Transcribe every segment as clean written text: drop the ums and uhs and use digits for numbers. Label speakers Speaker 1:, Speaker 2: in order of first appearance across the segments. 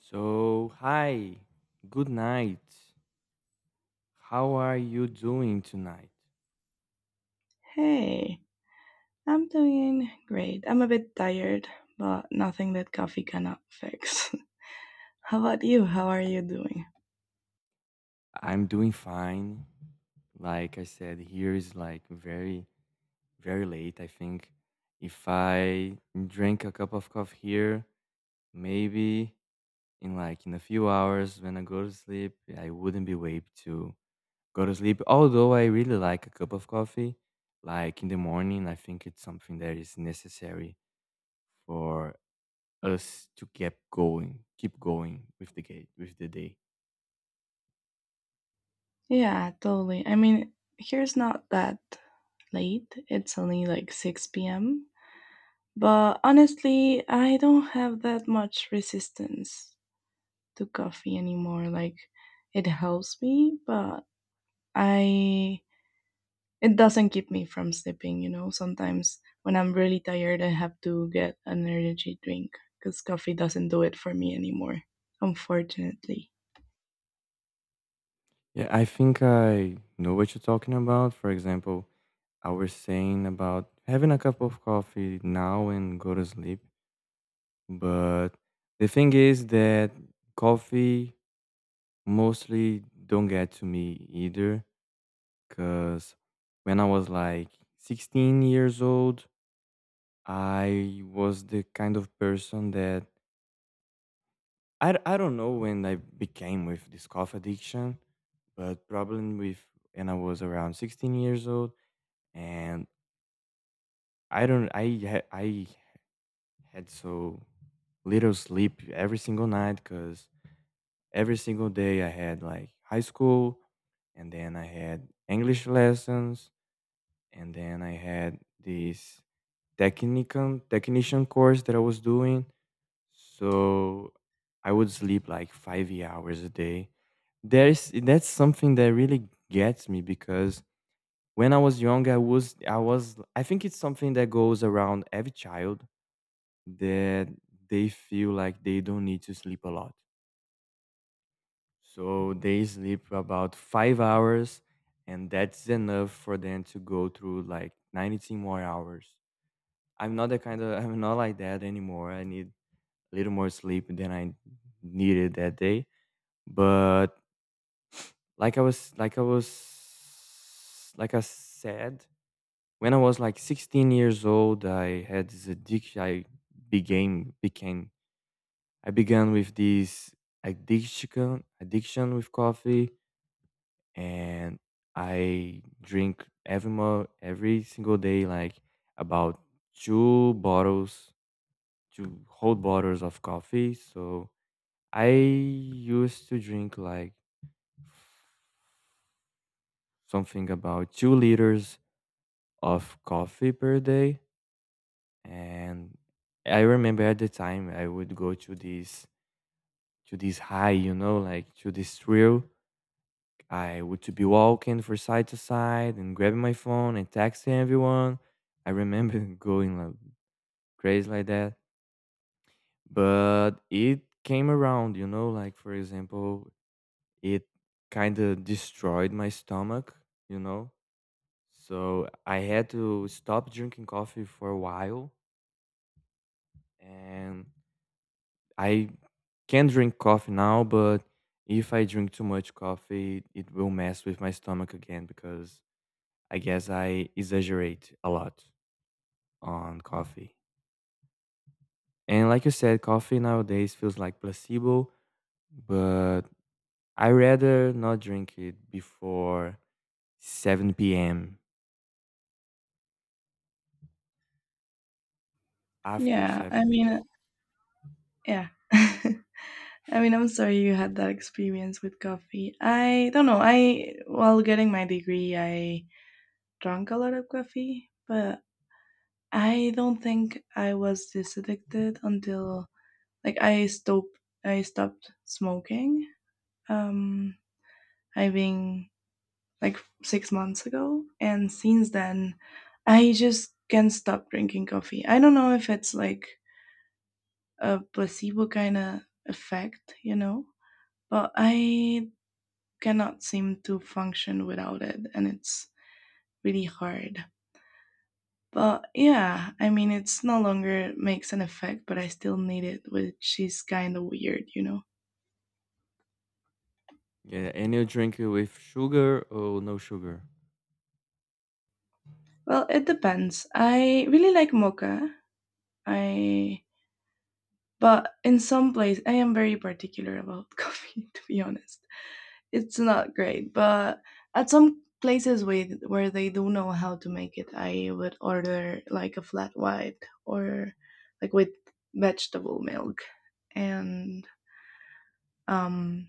Speaker 1: So, hi, good night. How are you doing tonight?
Speaker 2: Hey, I'm doing great. I'm a bit tired, but nothing that coffee cannot fix. How about you? How are you doing?
Speaker 1: I'm doing fine. Like I said, here is like very late. I think if I drink a cup of coffee here, maybe in a few hours when I go to sleep, I wouldn't be able to go to sleep. Although I really like a cup of coffee, like in the morning, I think it's something that is necessary for us to keep going with the gate, with the day.
Speaker 2: Yeah, totally. I mean, here's not that late. It's only like 6 p.m. But honestly, I don't have that much resistance to coffee anymore. Like, it helps me, but I it doesn't keep me from sleeping. Sometimes when I'm really tired I have to get an energy drink because coffee doesn't do it for me anymore unfortunately.
Speaker 1: Yeah, I think I know what you're talking about. For example, I was saying about having a cup of coffee now and go to sleep. But the thing is that coffee mostly don't get to me either. Because when I was like 16 years old, I was the kind of person that I don't know when I became with this coffee addiction, but probably with when I was around 16 years old, and I don't I ha- I had so little sleep every single night because every single day I had like high school, and then I had English lessons, and then I had this technical technician course that I was doing. So I would sleep like 5 hours a day. There's That's something that really gets me because when I was young I think it's something that goes around every child that they feel like they don't need to sleep a lot. So they sleep about 5 hours and that's enough for them to go through like 19 more hours. I'm not the kind of I'm not like that anymore. I need a little more sleep than I needed that day. But like I said, when I was like 16 years old, I had this addiction. Began became I began with this addiction with coffee, and I drink every single day like about two bottles, two whole bottles of coffee. So I used to drink like something about 2 liters of coffee per day. And I remember at the time I would go to this high, you know, like to this thrill. I would to be walking from side to side and grabbing my phone and texting everyone. I remember going like crazy like that. But it came around, you know, like for example, it kind of destroyed my stomach, you know. So I had to stop drinking coffee for a while, and I can drink coffee now, but if I drink too much coffee, it will mess with my stomach again because I guess I exaggerate a lot on coffee. And like you said, coffee nowadays feels like placebo, but I rather not drink it before 7 p.m. After
Speaker 2: yeah i
Speaker 1: 7 p.m.
Speaker 2: mean yeah I mean, I'm sorry you had that experience with coffee. I don't know, I while getting my degree I drank a lot of coffee, but I don't think I was this addicted until like I stopped smoking. Um, I think like 6 months ago, and since then, I just can't stop drinking coffee. I don't know if it's like a placebo kind of effect, you know, but I cannot seem to function without it, and it's really hard. But yeah, I mean, it's no longer makes an effect, but I still need it, which is kind of weird, you know.
Speaker 1: Yeah, and you drink it with sugar or no sugar?
Speaker 2: Well, it depends. I really like mocha. I but in some place I am very particular about coffee to be honest. It's not great, but at some places with where they do know how to make it, I would order like a flat white or like with vegetable milk and um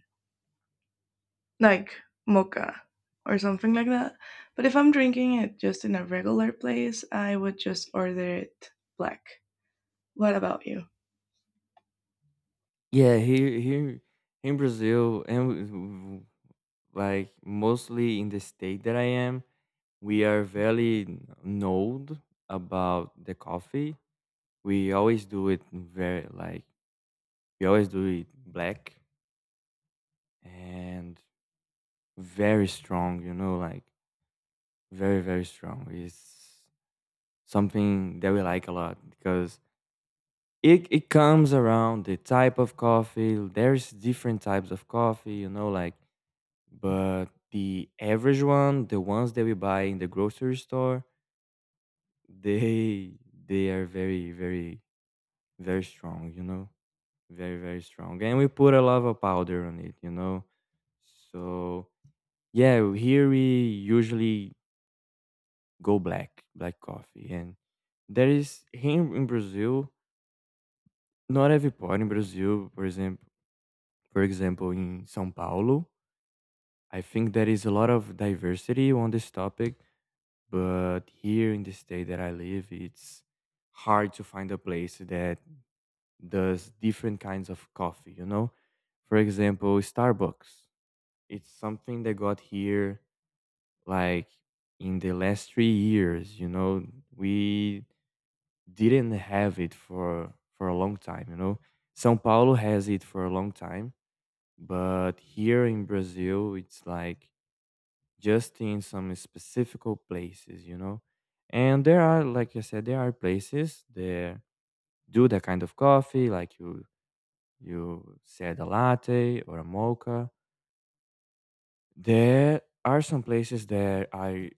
Speaker 2: like mocha or something like that. But if I'm drinking it just in a regular place, I would just order it black. What about you?
Speaker 1: Yeah, here in Brazil and like mostly in the state that I am, we are very knowed about the coffee. We always do it very like we always do it black and very strong, you know, like very strong. It's something that we like a lot because it comes around the type of coffee. There's different types of coffee, you know, like. But the average one, the ones that we buy in the grocery store, they they are very strong, you know? Very, very strong. And we put a lot of powder on it, you know? So yeah, here we usually go black, black coffee. And there is here in Brazil, not every part in Brazil, for example, in São Paulo, I think there is a lot of diversity on this topic. But here in the state that I live, it's hard to find a place that does different kinds of coffee, you know? For example, Starbucks. It's something that got here like in the last 3 years, you know? We didn't have it for a long time, you know? São Paulo has it for a long time, but here in Brazil, it's like just in some specific places, you know. And there are, like I said, there are places that do that kind of coffee, like you said, a latte or a mocha. There are some places that I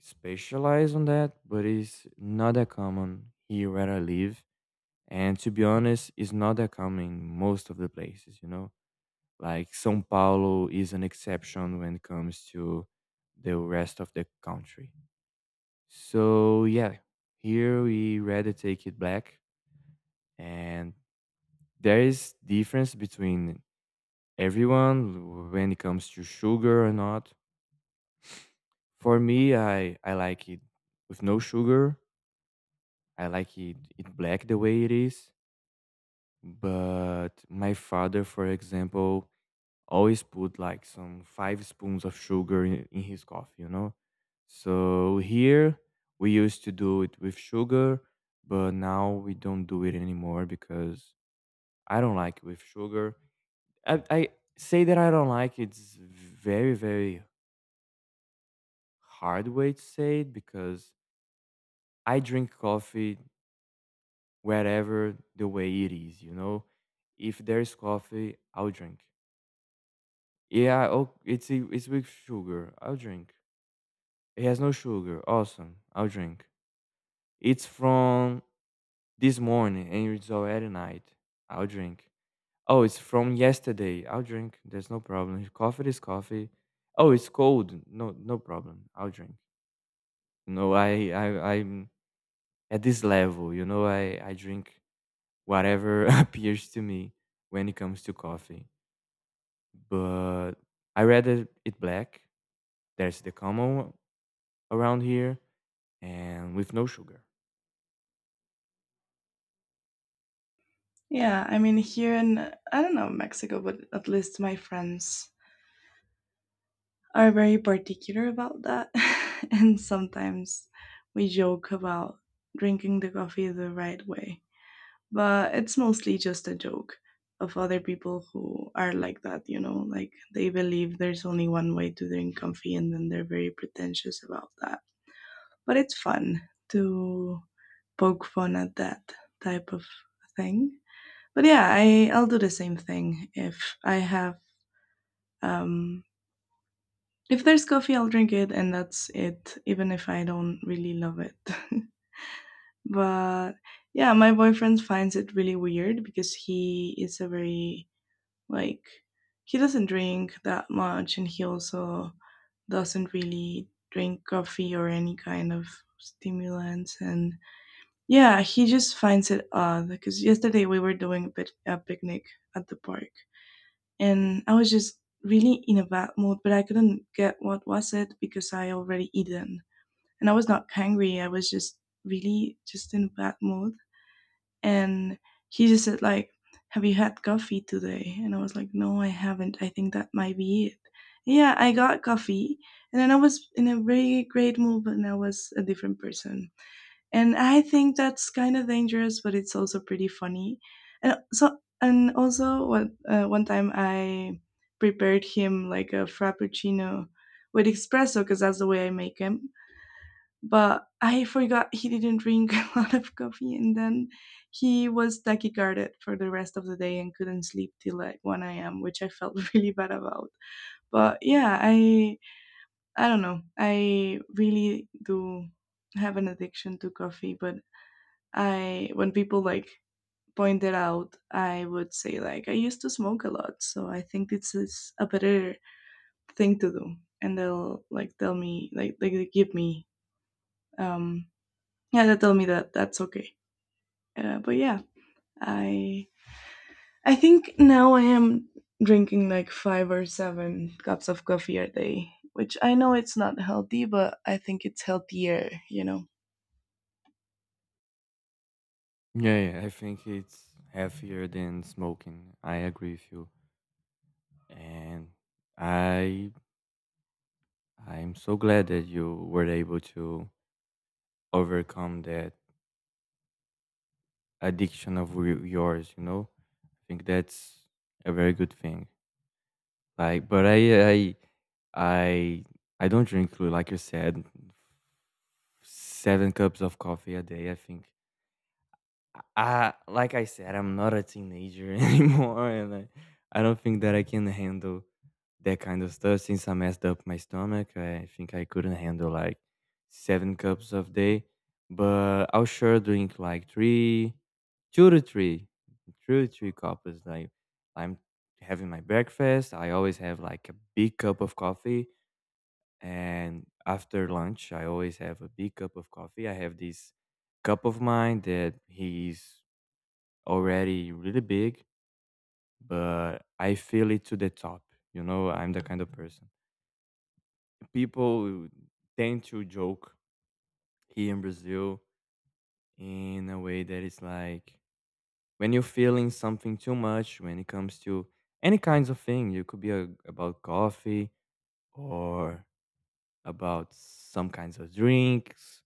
Speaker 1: specialize on that, but it's not that common here where I live. And to be honest, it's not that common in most of the places, you know. Like São Paulo is an exception when it comes to the rest of the country. So yeah, here we rather take it back, and there is difference between everyone when it comes to sugar or not. For me, I like it with no sugar. I like it black the way it is. But my father, for example, always put like some five spoons of sugar in his coffee, you know? So here we used to do it with sugar, but now we don't do it anymore because I don't like it with sugar. I say that I don't like, it's very, very hard way to say it because I drink coffee wherever the way it is, you know? If there's coffee, I'll drink. Yeah, oh, it's it's with sugar. I'll drink. It has no sugar. Awesome. I'll drink. It's from this morning and it's already night. I'll drink. Oh, it's from yesterday. I'll drink. There's no problem. Coffee is coffee. Oh, it's cold. No, no problem. I'll drink. No, I'm at this level. You know, I drink whatever appears to me when it comes to coffee. But I rather it black. There's the common around here and with no sugar.
Speaker 2: Yeah, I mean, here in, I don't know, Mexico, but at least my friends are very particular about that. And sometimes we joke about drinking the coffee the right way, but it's mostly just a joke of other people who are like that, you know, like they believe there's only one way to drink coffee and then they're very pretentious about that. But it's fun to poke fun at that type of thing. But yeah, I'll do the same thing if I have um if there's coffee I'll drink it and that's it even if I don't really love it. But yeah, my boyfriend finds it really weird because he is a very— Like, he doesn't drink that much, and he also doesn't really drink coffee or any kind of stimulants. And yeah, he just finds it odd because yesterday we were doing a, bit, a picnic at the park, and I was just really in a bad mood, but I couldn't get what was it because I already eaten. And I was not hungry, I was just really just in a bad mood and he just said like, have you had coffee today? And I was like, no I haven't, I think that might be it. Yeah, I got coffee and then I was in a very great mood and I was a different person and I think that's kind of dangerous but it's also pretty funny. And so and also what, one time I prepared him like a frappuccino with espresso because that's the way I make 'em, but I forgot he didn't drink a lot of coffee, and then he was tachycarded for the rest of the day and couldn't sleep till like 1 a.m., which I felt really bad about. But yeah, I don't know. I really do have an addiction to coffee, but I when people like point it out, I would say like I used to smoke a lot, so I think this is a better thing to do. And they'll like tell me like they give me um yeah they tell me that that's okay. But yeah, I I think now I am drinking like five or seven cups of coffee a day, which I know it's not healthy, but I think it's healthier, you know.
Speaker 1: Yeah, yeah, I think it's healthier than smoking. I agree with you, and I I'm so glad that you were able to overcome that addiction of yours. You know, I think that's a very good thing. Like, but I I don't drink like you said 7 cups of coffee a day. I think I like I said, I'm not a teenager anymore, and I don't think that I can handle that kind of stuff since I messed up my stomach. I think I couldn't handle like 7 cups of day, but I'll sure drink like three, two to three, two to three cups. Like I'm having my breakfast, I always have like a big cup of coffee, and after lunch, I always have a big cup of coffee. I have this cup of mine that he's already really big, but I feel it to the top. You know, I'm the kind of person. People tend to joke here in Brazil in a way that is like when you're feeling something too much, when it comes to any kinds of thing, you could be about coffee or about some kinds of drinks.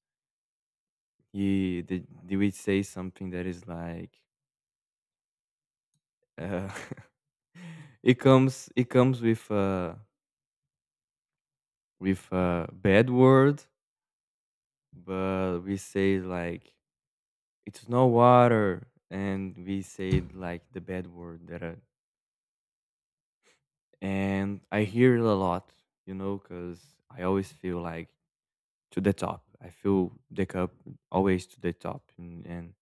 Speaker 1: They would say something that is like, uh, it comes with. With a bad word, but we say like it's no water, and we say like the bad word that. And I hear it a lot, you know, because I always feel like to the top. I feel the cup always to the top, and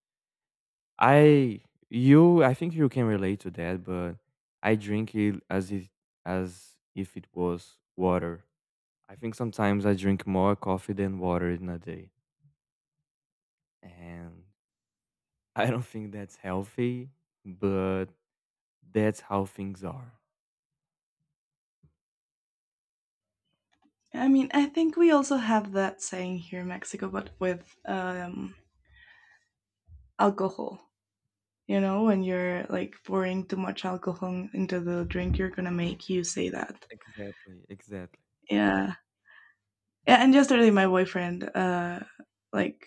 Speaker 1: I you, I think you can relate to that, but I drink it as if it was water. I think sometimes I drink more coffee than water in a day. And I don't think that's healthy, but that's how things are.
Speaker 2: I mean, I think we also have that saying here in Mexico, but with alcohol. You know, when you're like pouring too much alcohol into the drink you're gonna
Speaker 1: Yeah.
Speaker 2: make, you say that.
Speaker 1: Exactly, exactly.
Speaker 2: Yeah. Yeah, and yesterday my boyfriend like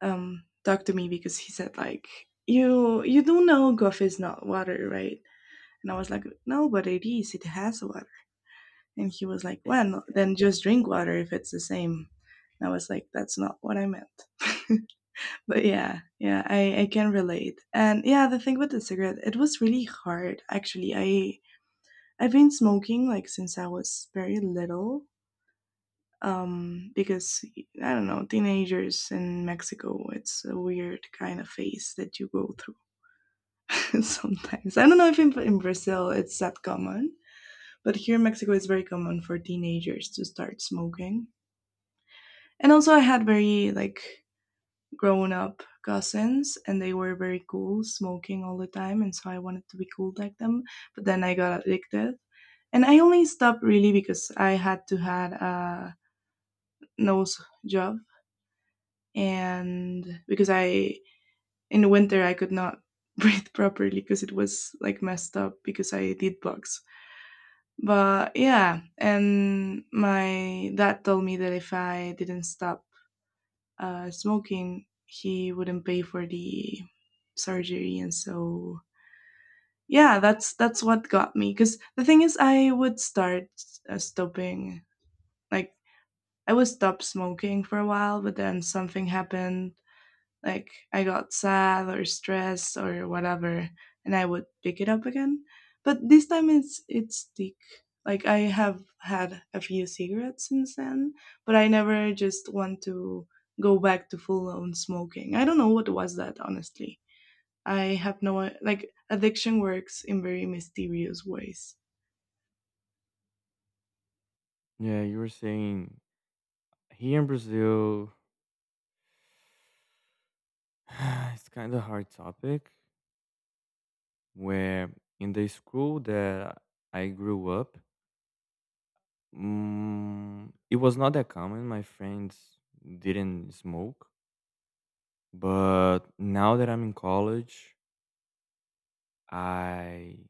Speaker 2: talked to me because he said like, you do know Guff is not water, right? And I was like, no, but it is, it has water. And he was like, well, no,
Speaker 1: Exactly.
Speaker 2: then just drink water if it's the same. And I was like, that's not what I meant. But yeah, yeah, I can relate. And yeah, the thing with the cigarette, it was really hard actually. I I've been smoking like since I was very little because I don't know, teenagers in Mexico, it's a weird kind of phase that you go through sometimes. I don't know if in, in Brazil it's that common, but here in Mexico, it's very common for teenagers to start smoking. And also, I had very like grown up cousins, and they were very cool, smoking all the time, and so I wanted to be cool like them. But then I got addicted. And I only stopped really because I had a nose job and because I in the winter I could not breathe properly because it was like messed up because I did bugs. But yeah, and my dad told me that if I didn't stop smoking, he wouldn't pay for the surgery, and so yeah, that's what got me. Because the thing is, I would start stopping, like I would stop smoking for a while, but then something happened like I got sad or stressed or whatever, and I would pick it up again. But this time it's thick. Like I have had a few cigarettes since then, but I never just want to go back to full on smoking. I don't know what was that honestly. I have no I- like addiction works in very mysterious ways.
Speaker 1: Yeah, you were saying here in Brazil, it's kind of hard topic where in the school that I grew up, mm, it was not that common. My friends didn't smoke, but now that I'm in college, I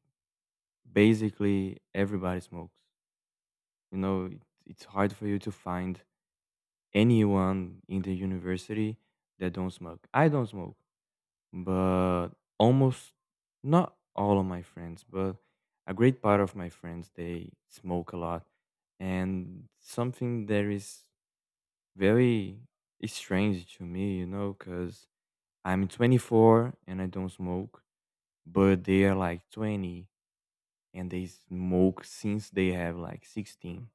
Speaker 1: basically everybody smokes. You know, it's hard for you to find anyone in the university that don't smoke. I don't smoke, but almost not all of my friends, but a great part of my friends they smoke a lot, and something that is very strange to me, you know, because I'm 24 and I don't smoke, but they are like 20 and they smoke since they have like 16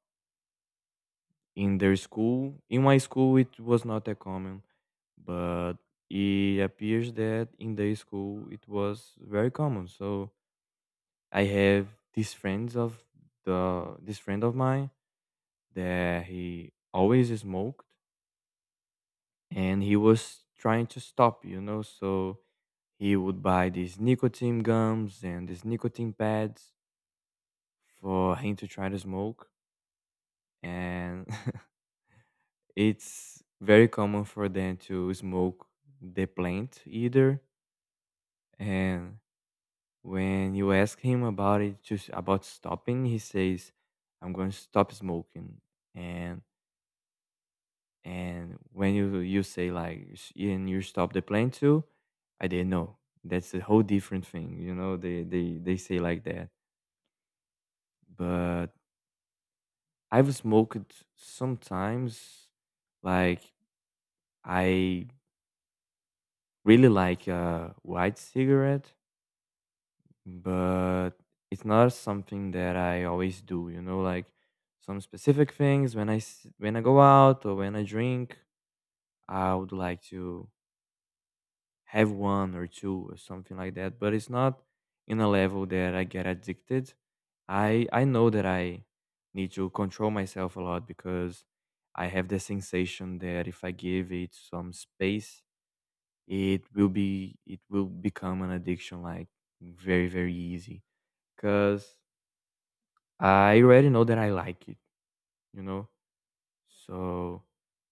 Speaker 1: in their school. In my school, it was not that common, but it appears that in their school it was very common. So I have these friends of the this friend of mine that he always smoked, and he was trying to stop, you know. So he would buy these nicotine gums and these nicotine pads for him to try to smoke, and it's very common for them to smoke the plant either. And when you ask him about it, just about stopping, he says, "I'm going to stop smoking." And and when you say like, "S-" "And you stop the plant too," I didn't know. That's a whole different thing, you know. They say like that, but I've smoked sometimes. Like I really like a white cigarette, but it's not something that I always do, you know, like some specific things when when I go out or when I drink, I would like to have one or two or something like that, but it's not in a level that I get addicted. I know that I need to control myself a lot because I have the sensation that if I give it some space, it will become an addiction like very easy because I already know that I like it, you know? So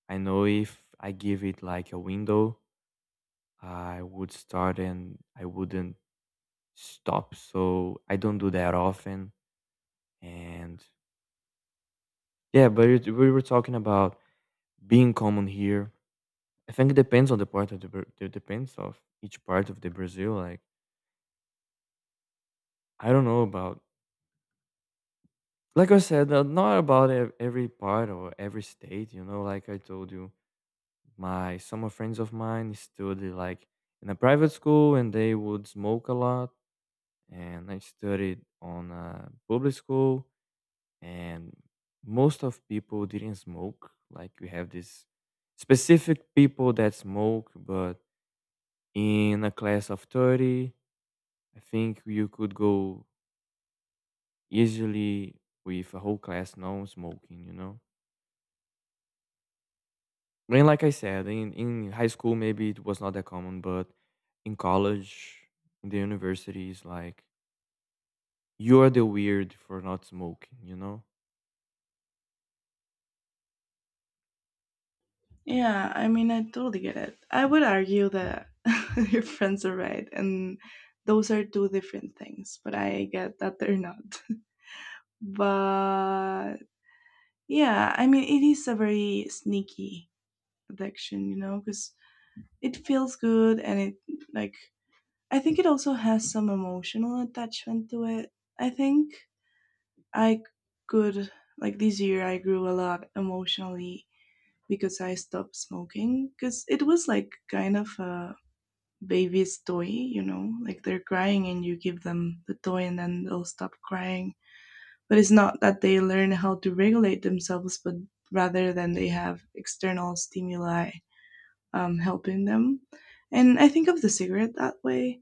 Speaker 1: I know if I give it like a window, I would start and I wouldn't stop. So I don't do that often. And yeah, but we were talking about being common here. I think it depends on the part of the it depends of each part of the Brazil. Like I don't know about like I said, not about every part or every state. You know, like I told you, My some of friends of mine studied like in a private school and they would smoke a lot, and I studied on a public school and most of people didn't smoke. Like we have this specific people that smoke, but in a class of 30, I think you could go easily with a whole class non-smoking, you know? I mean, like I said, in high school maybe it was not that common, but in college, in the universities, like you're the weird for not smoking, you know?
Speaker 2: Yeah, I mean I totally get it. I would argue that your friends are right and those are two different things, but I get that they're not. But yeah I mean it is a very sneaky addiction you know because it feels good and it like I think it also has some emotional attachment to it. I think i could like this year I grew a lot emotionally because I stopped smoking, because it was like kind of a baby's toy, you know, like they're crying and you give them the toy and then they'll stop crying, but it's not that they learn how to regulate themselves, but rather than they have external stimuli helping them. And I think of the cigarette that way.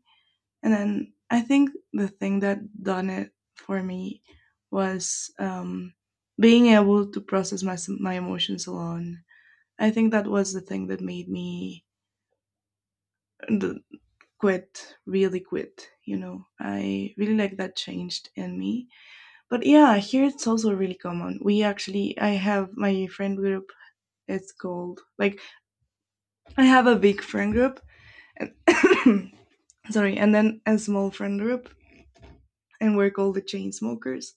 Speaker 2: And then I think the thing that done it for me was, being able to process my emotions alone. I think that was the thing that made me the- quit, really quit. You know, I really like that changed in me. But yeah, here it's also really common. We actually, I have my friend group. It's called like I have a big friend group, and sorry, and then a small friend group, and we're called the chain smokers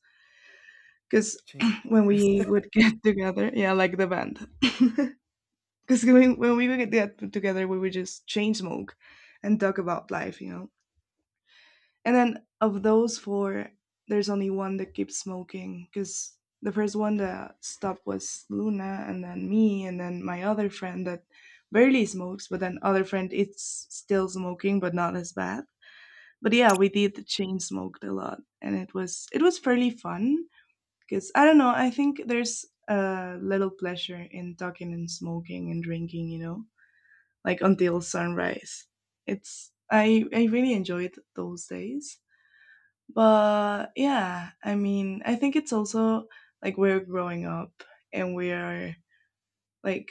Speaker 2: because
Speaker 1: Chain
Speaker 2: when
Speaker 1: smokers.
Speaker 2: we would get together, yeah, like the band, because when we would get together, we would just chain smoke and talk about life, you know. And then of those four, there's only one that keeps smoking because the first one that stopped was Luna, and then me, and then my other friend that barely smokes, but then other friend it's still smoking, but not as bad. But yeah, we did chain smoked a lot, and it was fairly fun because I don't know. I think there's a little pleasure in talking and smoking and drinking, you know, like until sunrise. It's I really enjoyed those days. But yeah, I mean, I think it's also like we're growing up and we're like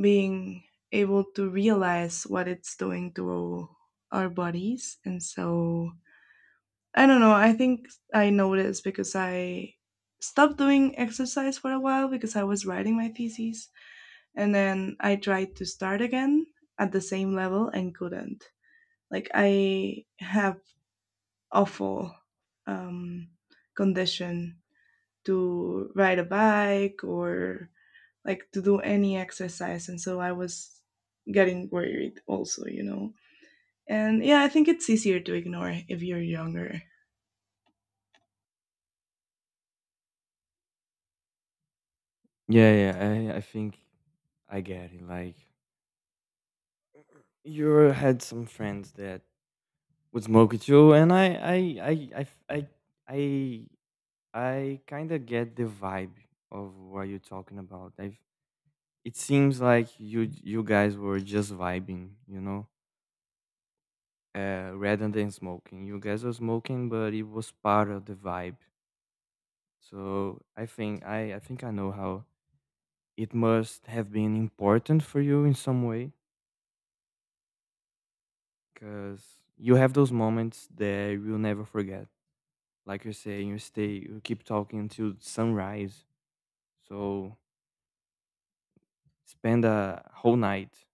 Speaker 2: being able to realize what it's doing to our bodies. And so I don't know, I think I noticed because I stopped doing exercise for a while because I was writing my thesis. And then I tried to start again at the same level and couldn't. Like, I have awful um, condition to ride a bike or like to do any exercise. And so I was getting worried also, you know. And yeah, I think it's easier to ignore if you're younger.
Speaker 1: Yeah, yeah. I think I get it. Like you had some friends that would smoke it too, and I I I I I I kind of get the vibe of what you're talking about. It seems like you guys were just vibing, you know. Rather than smoking. You guys were smoking, but it was part of the vibe. So I think I know how it must have been important for you in some way, because you have those moments that you'll never forget. Like you're saying, you keep talking until sunrise. So spend a whole night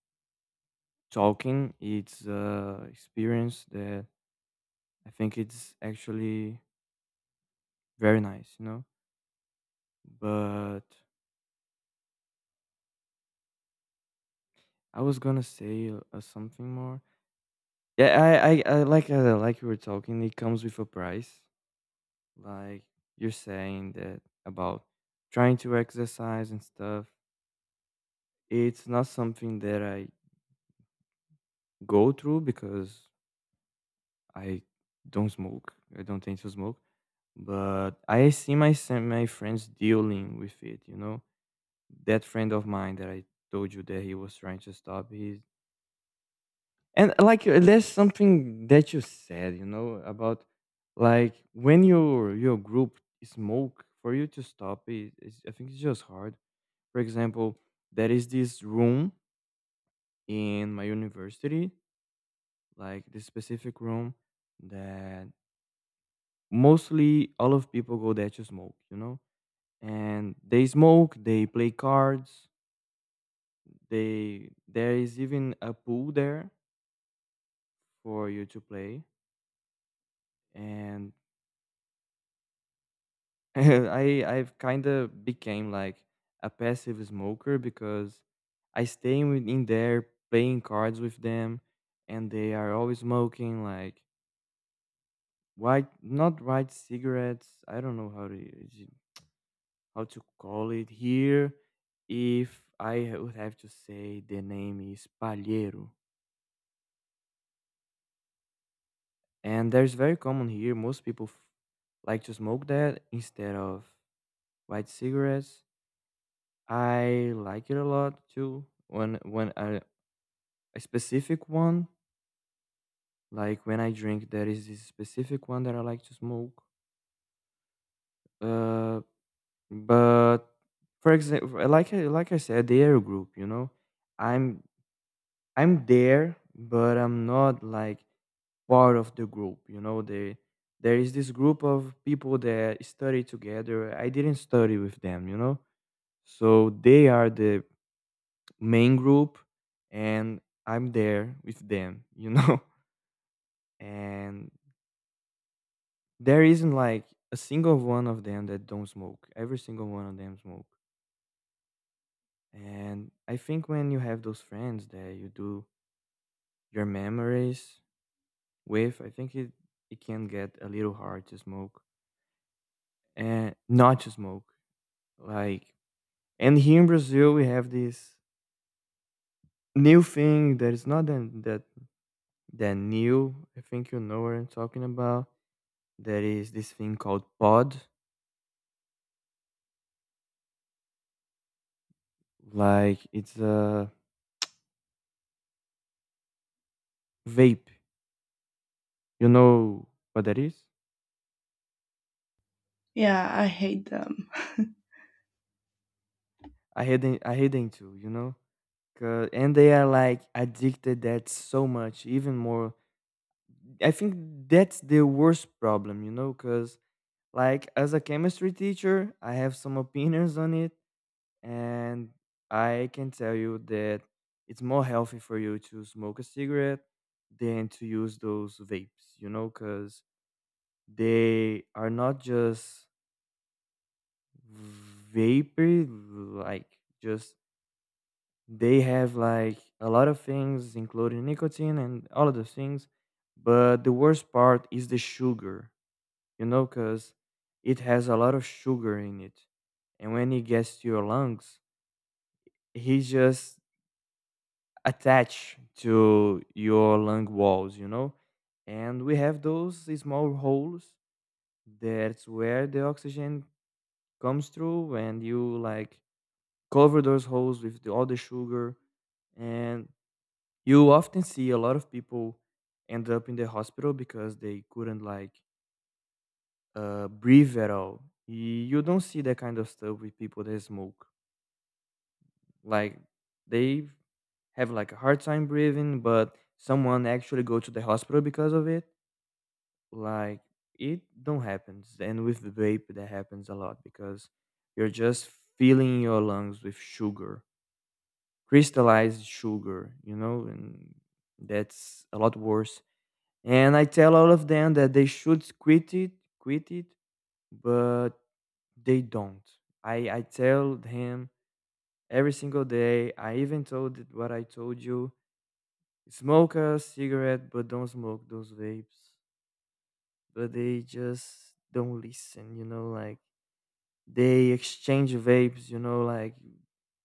Speaker 1: talking. It's a experience that I think it's actually very nice, you know. But I was gonna say something more. Yeah, I like you were talking. It comes with a price. Like you're saying that about trying to exercise and stuff. It's not something that I go through because I don't smoke. I don't tend to smoke. But I see my friends dealing with it. You know, that friend of mine that I told you that he was trying to stop. He And like there's something that you said, you know, about like when your group smoke for you to stop it, I think it's just hard. For example, there is this room in my university, like this specific room that mostly all of people go there to smoke, you know, and they smoke, they play cards, they there is even a pool there for you to play and I've kind of became like a passive smoker because I stay in there playing cards with them, and they are always smoking like white cigarettes. I don't know how how to call it here. If I would have to say the name is palheiro, and there's very common here. Most people like to smoke that instead of white cigarettes. I like it a lot too. A specific one, like when I drink, there is this specific one that I like to smoke. Uh, but for example, like I said, the air group, you know, I'm I'm there, but I'm not like part of the group. You know, they there is this group of people that study together. I didn't study with them, you know, so they are the main group and I'm there with them, you know? And there isn't like a single one of them that don't smoke. Every single one of them smoke. And I think when you have those friends that you do your memories with, it can get a little hard to smoke and not to smoke. Like, and here in Brazil, we have this new thing that is not that new. I think you know what I'm talking about. There is this thing called pod, like it's a vape. You know what that is?
Speaker 2: Yeah, I hate them.
Speaker 1: I hate them too, you know? 'Cause- and they are like addicted that so much, even more. I think that's the worst problem, you know? Because, like, as a chemistry teacher, I have some opinions on it, and I can tell you that it's more healthy for you to smoke a cigarette than to use those vapes, you know? Because they are not just vapor, like just they have like a lot of things, including nicotine and all of those things. But the worst part is the sugar, you know, because it has a lot of sugar in it. And when it gets to your lungs, he just attached to your lung walls, you know? And we have those small holes. That's where the oxygen comes through and you like cover those holes with all the sugar and you often see a lot of people end up in the hospital because they couldn't like breathe at all. You don't see that kind of stuff with people that smoke, like they have like a hard time breathing, but someone actually go to the hospital because of it, like it don't happens, and with the vape that happens a lot because you're just filling your lungs with sugar, crystallized sugar, you know, and that's a lot worse. And I tell all of them that they should quit it, but they don't. I tell him every single day. I even told it what I told you. Smoke a cigarette, but don't smoke those vapes. But they just don't listen, you know, like they exchange vapes, you know, like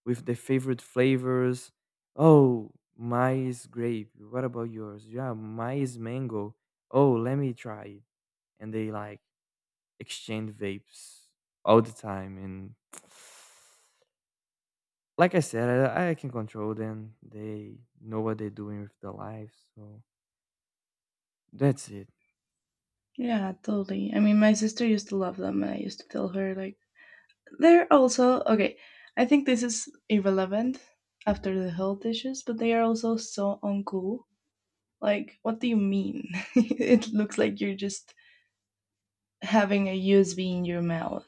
Speaker 1: with their favorite flavors. Oh, my is grape. What about yours? Yeah, my is mango. Oh, let me try it. And they like exchange vapes all the time. And like I said, I can control them. They know what they're doing with their lives. So that's it.
Speaker 2: Yeah, totally. I mean, my sister used to love them, and I used to tell her, like, they're also, okay, I think this is irrelevant after the health issues, but they are also so uncool. Like, what do you mean? It looks like you're just having a USB in your mouth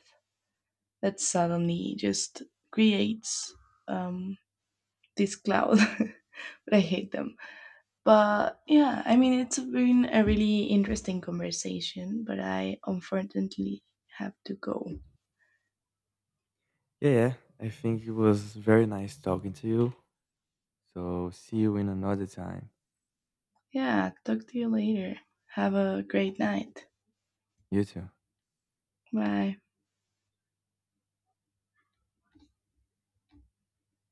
Speaker 2: that suddenly just creates um, this cloud. But I hate them. But yeah, I mean, it's been a really interesting conversation, but I unfortunately have to go.
Speaker 1: Yeah, I think it was very nice talking to you. So see you in another time.
Speaker 2: Yeah, talk to you later. Have a great night.
Speaker 1: You too.
Speaker 2: Bye.